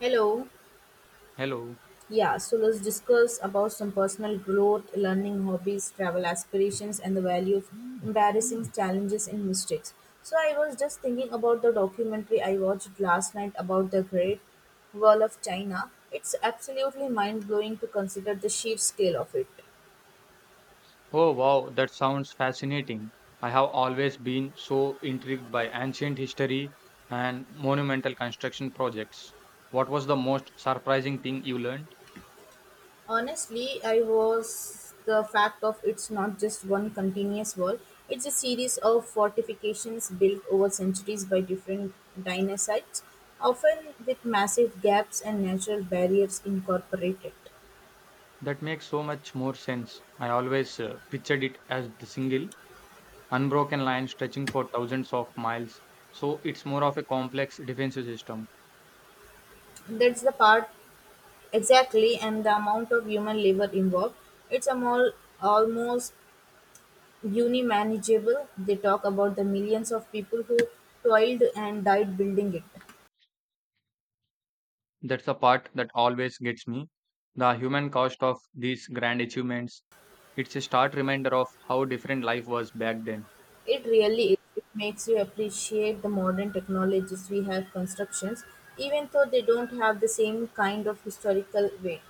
Hello. Hello. Yeah, so let's discuss about some personal growth, learning hobbies, travel aspirations, and the value of embarrassing challenges and mistakes. So I was just thinking about the documentary I watched last night about the Great Wall of China. It's absolutely mind blowing to consider the sheer scale of it. Oh wow, that sounds fascinating. I have always been so intrigued by ancient history and monumental construction projects. What was the most surprising thing you learned? Honestly, I was the fact of it's not just one continuous wall. It's a series of fortifications built over centuries by different dynasties, often with massive gaps and natural barriers incorporated. That makes so much more sense. I always pictured it as the single, unbroken line stretching for thousands of miles. So it's more of a complex defensive system. That's the part exactly, and the amount of human labor involved. It's a more, almost unmanageable. They talk about the millions of people who toiled and died building it. That's the part that always gets me. The human cost of these grand achievements. It's a stark reminder of how different life was back then. It really is. It makes you appreciate the modern technologies we have constructions, even though they don't have the same kind of historical weight.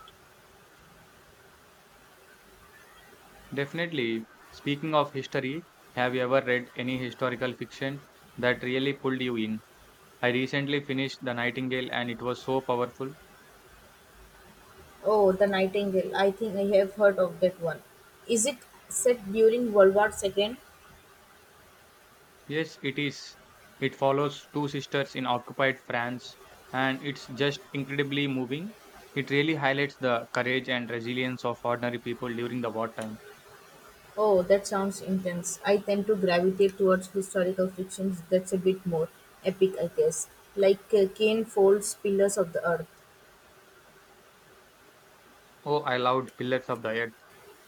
Definitely, speaking of history, have you ever read any historical fiction that really pulled you in? I recently finished The Nightingale and it was so powerful. Oh, the Nightingale. I think I have heard of that one. Is it set during World War II? Yes, it is. It follows two sisters in occupied France and it's just incredibly moving. It really highlights the courage and resilience of ordinary people during the wartime. Oh, that sounds intense. I tend to gravitate towards historical fictions that's a bit more epic, I guess. Like Kane folds Pillars of the Earth. Oh, I loved Pillars of the Earth.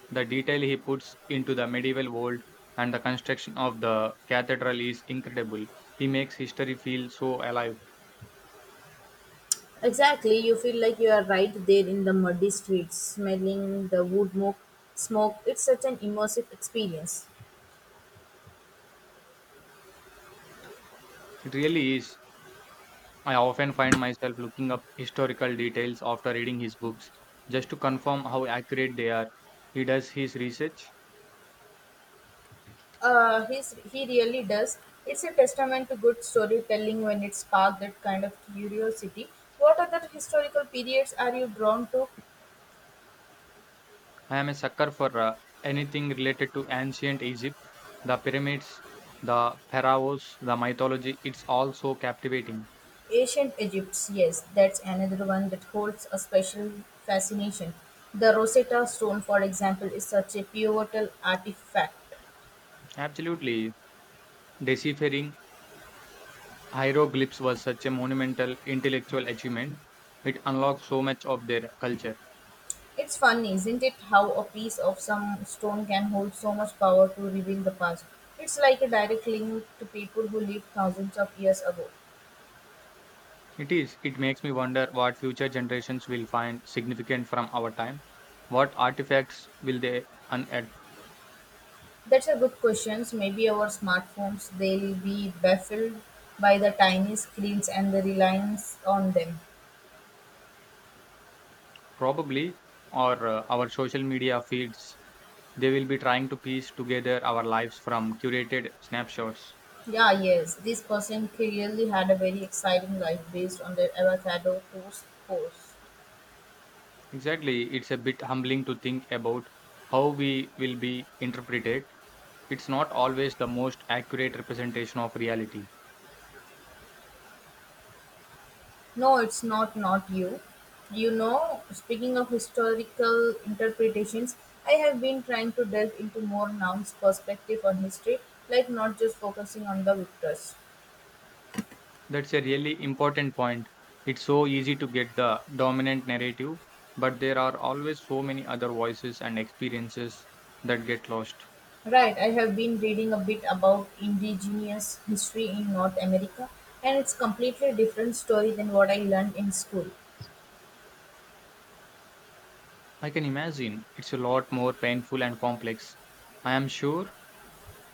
The detail he puts into the medieval world and the construction of the cathedral is incredible. He makes history feel so alive. Exactly, you feel like you are right there in the muddy streets, smelling the wood smoke. Smoke. It's such an immersive experience. It really is. I often find myself looking up historical details after reading his books just to confirm how accurate they are. He does his research. He really does. It's a testament to good storytelling when it sparked that kind of curiosity. What other historical periods are you drawn to? I am a sucker for anything related to ancient Egypt, the pyramids, the pharaohs, the mythology. It's all so captivating. Ancient Egypt, yes, that's another one that holds a special fascination. The Rosetta Stone, for example, is such a pivotal artifact. Absolutely. Deciphering Hieroglyphs was such a monumental intellectual achievement. It unlocked so much of their culture. It's funny, isn't it, how a piece of some stone can hold so much power to reveal the past. It's like a direct link to people who lived thousands of years ago. It is. It makes me wonder what future generations will find significant from our time. What artifacts will they unearth? That's a good question. Maybe our smartphones, they'll be baffled by the tiny screens and the reliance on them. Probably, or our social media feeds. They will be trying to piece together our lives from curated snapshots. Yeah, yes, this person clearly had a very exciting life based on their avocado toast post. Exactly. It's a bit humbling to think about how we will be interpreted. It's not always the most accurate representation of reality. No, it's not you. You know, speaking of historical interpretations, I have been trying to delve into more nouns perspective on history, like not just focusing on the victors. That's a really important point. It's so easy to get the dominant narrative, but there are always so many other voices and experiences that get lost. Right, I have been reading a bit about indigenous history in North America, and it's completely different story than what I learned in school. I can imagine it's a lot more painful and complex. I am sure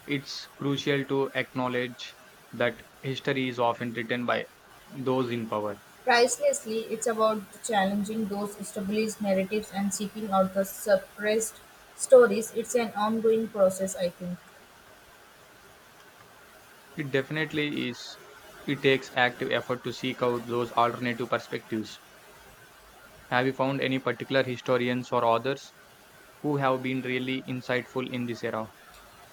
it's crucial to acknowledge that history is often written by those in power. Pricelessly, it's about challenging those established narratives and seeking out the suppressed stories. It's an ongoing process, I think. It definitely is. It takes active effort to seek out those alternative perspectives. Have you found any particular historians or authors who have been really insightful in this era?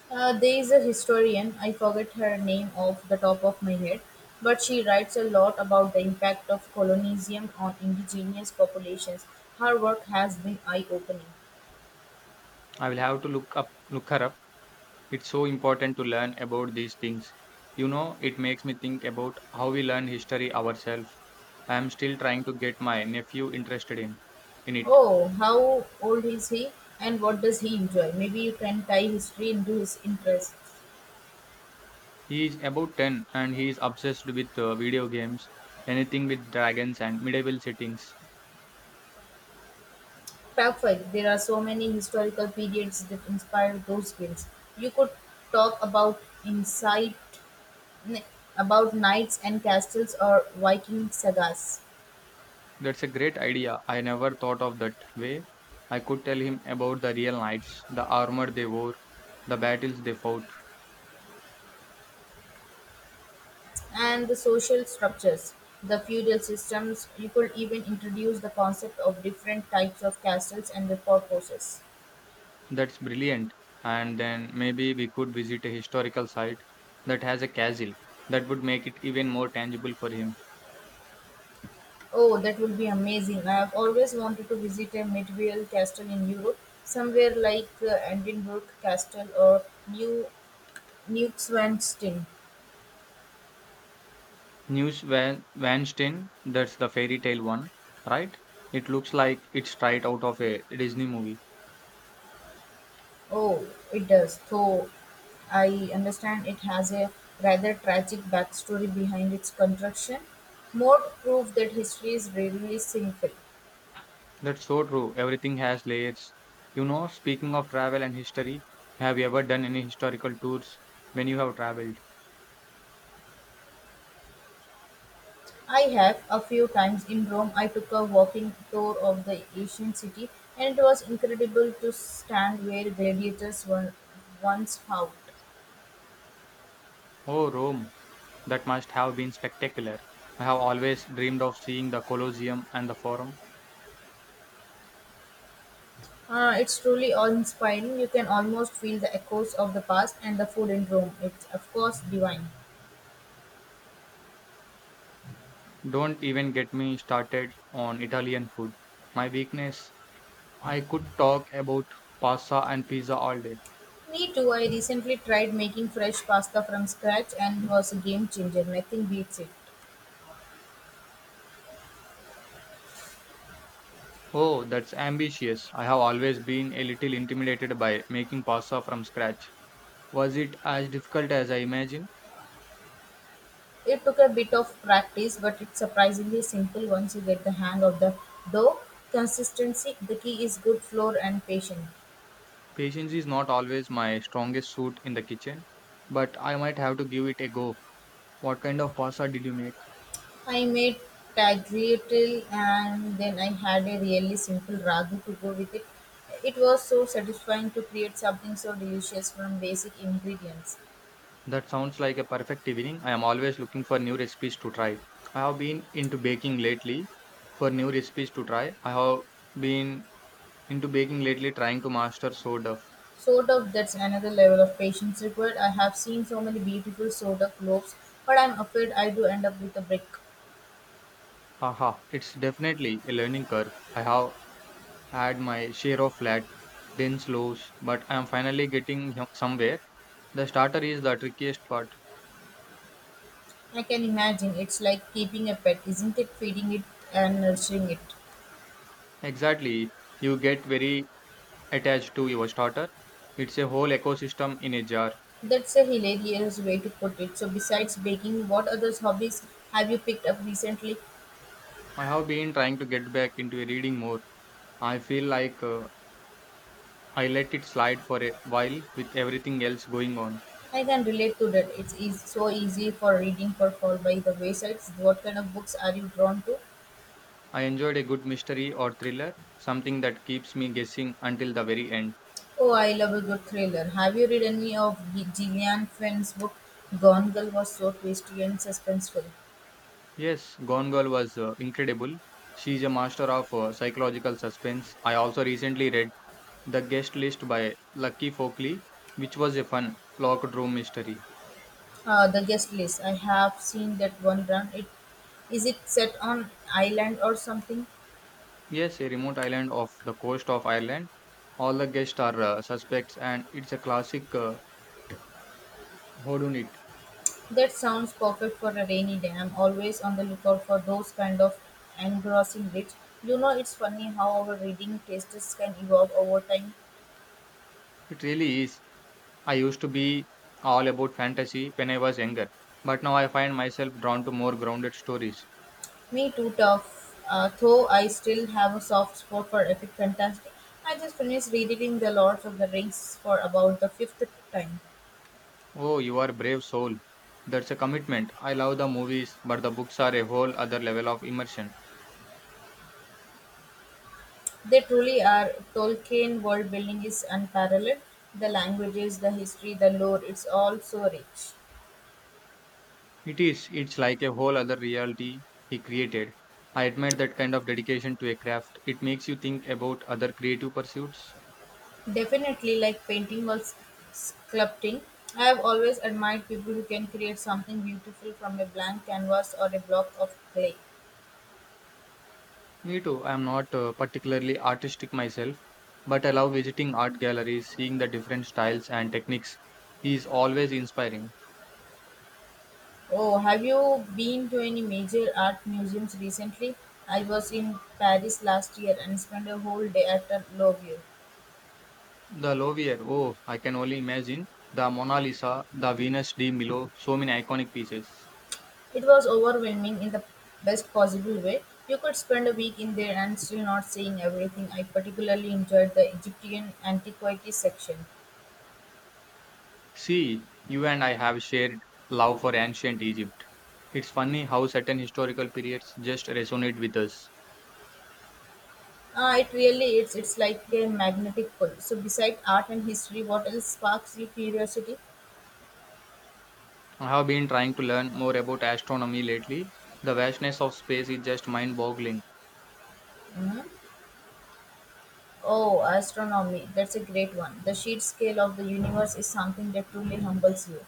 There is a historian, I forget her name off the top of my head, but she writes a lot about the impact of colonialism on indigenous populations. Her work has been eye opening. I will have to look her up. It's so important to learn about these things. You know, it makes me think about how we learn history ourselves. I am still trying to get my nephew interested in it. Oh, how old is he and what does he enjoy? Maybe you can tie history into his interests. He is about 10 and he is obsessed with video games, anything with dragons and medieval settings. Perfect. There are so many historical periods that inspire those films. You could talk about n- about knights and castles or Viking sagas. That's a great idea. I never thought of that way. I could tell him about the real knights, the armor they wore, the battles they fought. And the social structures, the feudal systems. You could even introduce the concept of different types of castles and their purposes. That's brilliant. And then maybe we could visit a historical site that has a castle. That would make it even more tangible for him. Oh, that would be amazing. I have always wanted to visit a medieval castle in Europe, somewhere like Edinburgh Castle or New Neuschwanstein. News Van Vanstein, that's the fairy tale one, right? It looks like it's straight out of a Disney movie. Oh, it does, though I understand it has a rather tragic backstory behind its construction. More proof that history is really simple. That's so true. Everything has layers. You know, speaking of travel and history, have you ever done any historical tours when you have traveled? I have. A few times in Rome, I took a walking tour of the ancient city, and it was incredible to stand where gladiators were once fought. Oh, Rome. That must have been spectacular. I have always dreamed of seeing the Colosseum and the Forum. It's truly awe-inspiring. You can almost feel the echoes of the past, and the food in Rome. It's of course divine. Don't even get me started on Italian food. My weakness, I could talk about pasta and pizza all day. Me too. I recently tried making fresh pasta from scratch, and it was a game changer. Nothing beats it. Oh, that's ambitious. I have always been a little intimidated by making pasta from scratch. Was it as difficult as I imagined? It took a bit of practice, but it's surprisingly simple once you get the hang of the dough consistency. The key is good flour and patience. Patience is not always my strongest suit in the kitchen, but I might have to give it a go. What kind of pasta did you make? I made tagliatelle and then I had a really simple ragu to go with it. It was so satisfying to create something so delicious from basic ingredients. That sounds like a perfect evening. I am always looking for new recipes to try. I have been into baking lately for new recipes to try. I have been into baking lately trying to master sourdough. Sort of that's another level of patience required. I have seen so many beautiful sort of loaves, but I'm afraid I do end up with a brick. Haha, it's definitely a learning curve. I have had my share of flat, dense loaves, but I am finally getting somewhere. The starter is the trickiest part. I can imagine. It's like keeping a pet, isn't it? Feeding it and nurturing it. Exactly. You get very attached to your starter. It's a whole ecosystem in a jar. That's a hilarious way to put it. So, besides baking, what other hobbies have you picked up recently? I have been trying to get back into reading more. I feel like I let it slide for a while with everything else going on. I can relate to that. It's eas so easy for reading for fall by the waysides. What kind of books are you drawn to? I enjoyed a good mystery or thriller, something that keeps me guessing until the very end. Oh, I love a good thriller. Have you read any of Gillian Flynn's book? Gone Girl was so twisty and suspenseful. Yes, Gone Girl was incredible. She's a master of psychological suspense. I also recently read The Guest List by Lucky Folkley, which was a fun locked room mystery. The guest list. I have seen that one brand. It is it set on island or something? Yes, a remote island off the coast of Ireland. All the guests are suspects, and it's a classic whodunit. That sounds perfect for a rainy day. I'm always on the lookout for those kind of engrossing reads. You know, it's funny how our reading tastes can evolve over time. It really is. I used to be all about fantasy when I was younger, but now I find myself drawn to more grounded stories. Me too tough. Though I still have a soft spot for epic fantasy. I just finished reading The Lords of the Rings for about the fifth time. Oh, you are a brave soul. That's a commitment. I love the movies, but the books are a whole other level of immersion. They truly are. Tolkien world building is unparalleled. The languages, the history, the lore, it's all so rich. It is, it's like a whole other reality he created. I admire that kind of dedication to a craft. It makes you think about other creative pursuits. Definitely like sculpting. I have always admired people who can create something beautiful from a blank canvas or a block of clay. Me too. I am not particularly artistic myself, but I love visiting art galleries, seeing the different styles and techniques is always inspiring. Oh, have you been to any major art museums recently? I was in Paris last year and spent a whole day at the Louvre. The Louvre, oh, I can only imagine. The Mona Lisa, the Venus de Milo, so many iconic pieces. It was overwhelming in the best possible way. You could spend a week in there and still not seeing everything. I particularly enjoyed the Egyptian antiquities section. See, you and I have shared love for ancient Egypt. It's funny how certain historical periods just resonate with us. It really is. It's like a magnetic pull. So, beside art and history, what else sparks your curiosity? I have been trying to learn more about astronomy lately. The vastness of space is just mind boggling. Mhm. Oh, astronomy. That's a great one. The sheer scale of the universe is something that truly humbles you.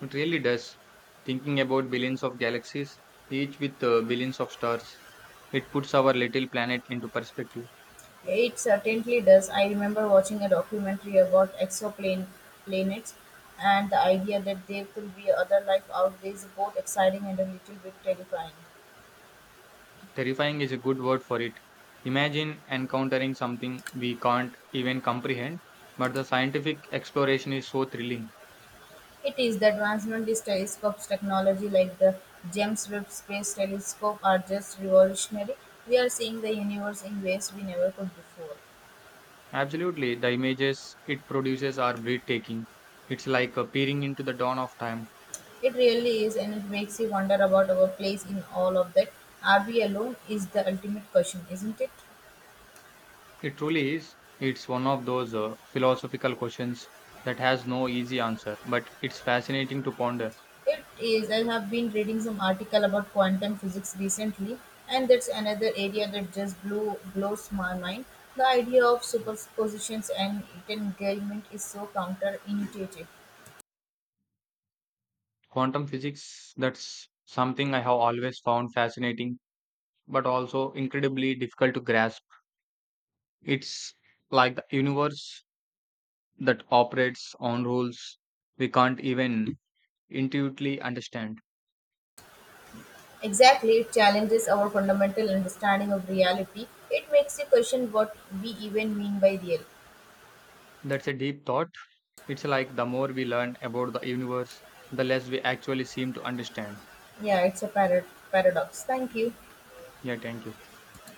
It really does. Thinking about billions of galaxies, each with billions of stars, it puts our little planet into perspective. It certainly does. I remember watching a documentary about exoplanets, and the idea that there could be other life out there is both exciting and a little bit terrifying. Terrifying is a good word for it. Imagine encountering something we can't even comprehend, but the scientific exploration is so thrilling. It is the advancement these telescopes technology like the James Webb Space Telescope are just revolutionary. We are seeing the universe in ways we never could before. Absolutely, the images it produces are breathtaking. It's like peering into the dawn of time. It really is, and it makes you wonder about our place in all of that. Are we alone? Is the ultimate question, isn't it? It truly is. It's one of those philosophical questions that has no easy answer, but it's fascinating to ponder. It is. I have been reading some article about quantum physics recently, and that's another area that just blew blows my mind. The idea of superpositions and entanglement is so counterintuitive. Quantum physics, that's something I have always found fascinating, but also incredibly difficult to grasp. It's like the universe that operates on rules we can't even intuitively understand. Exactly, it challenges our fundamental understanding of reality. It makes you question what we even mean by real. That's a deep thought. It's like the more we learn about the universe, the less we actually seem to understand. Yeah, it's a paradox. Thank you. Yeah, thank you.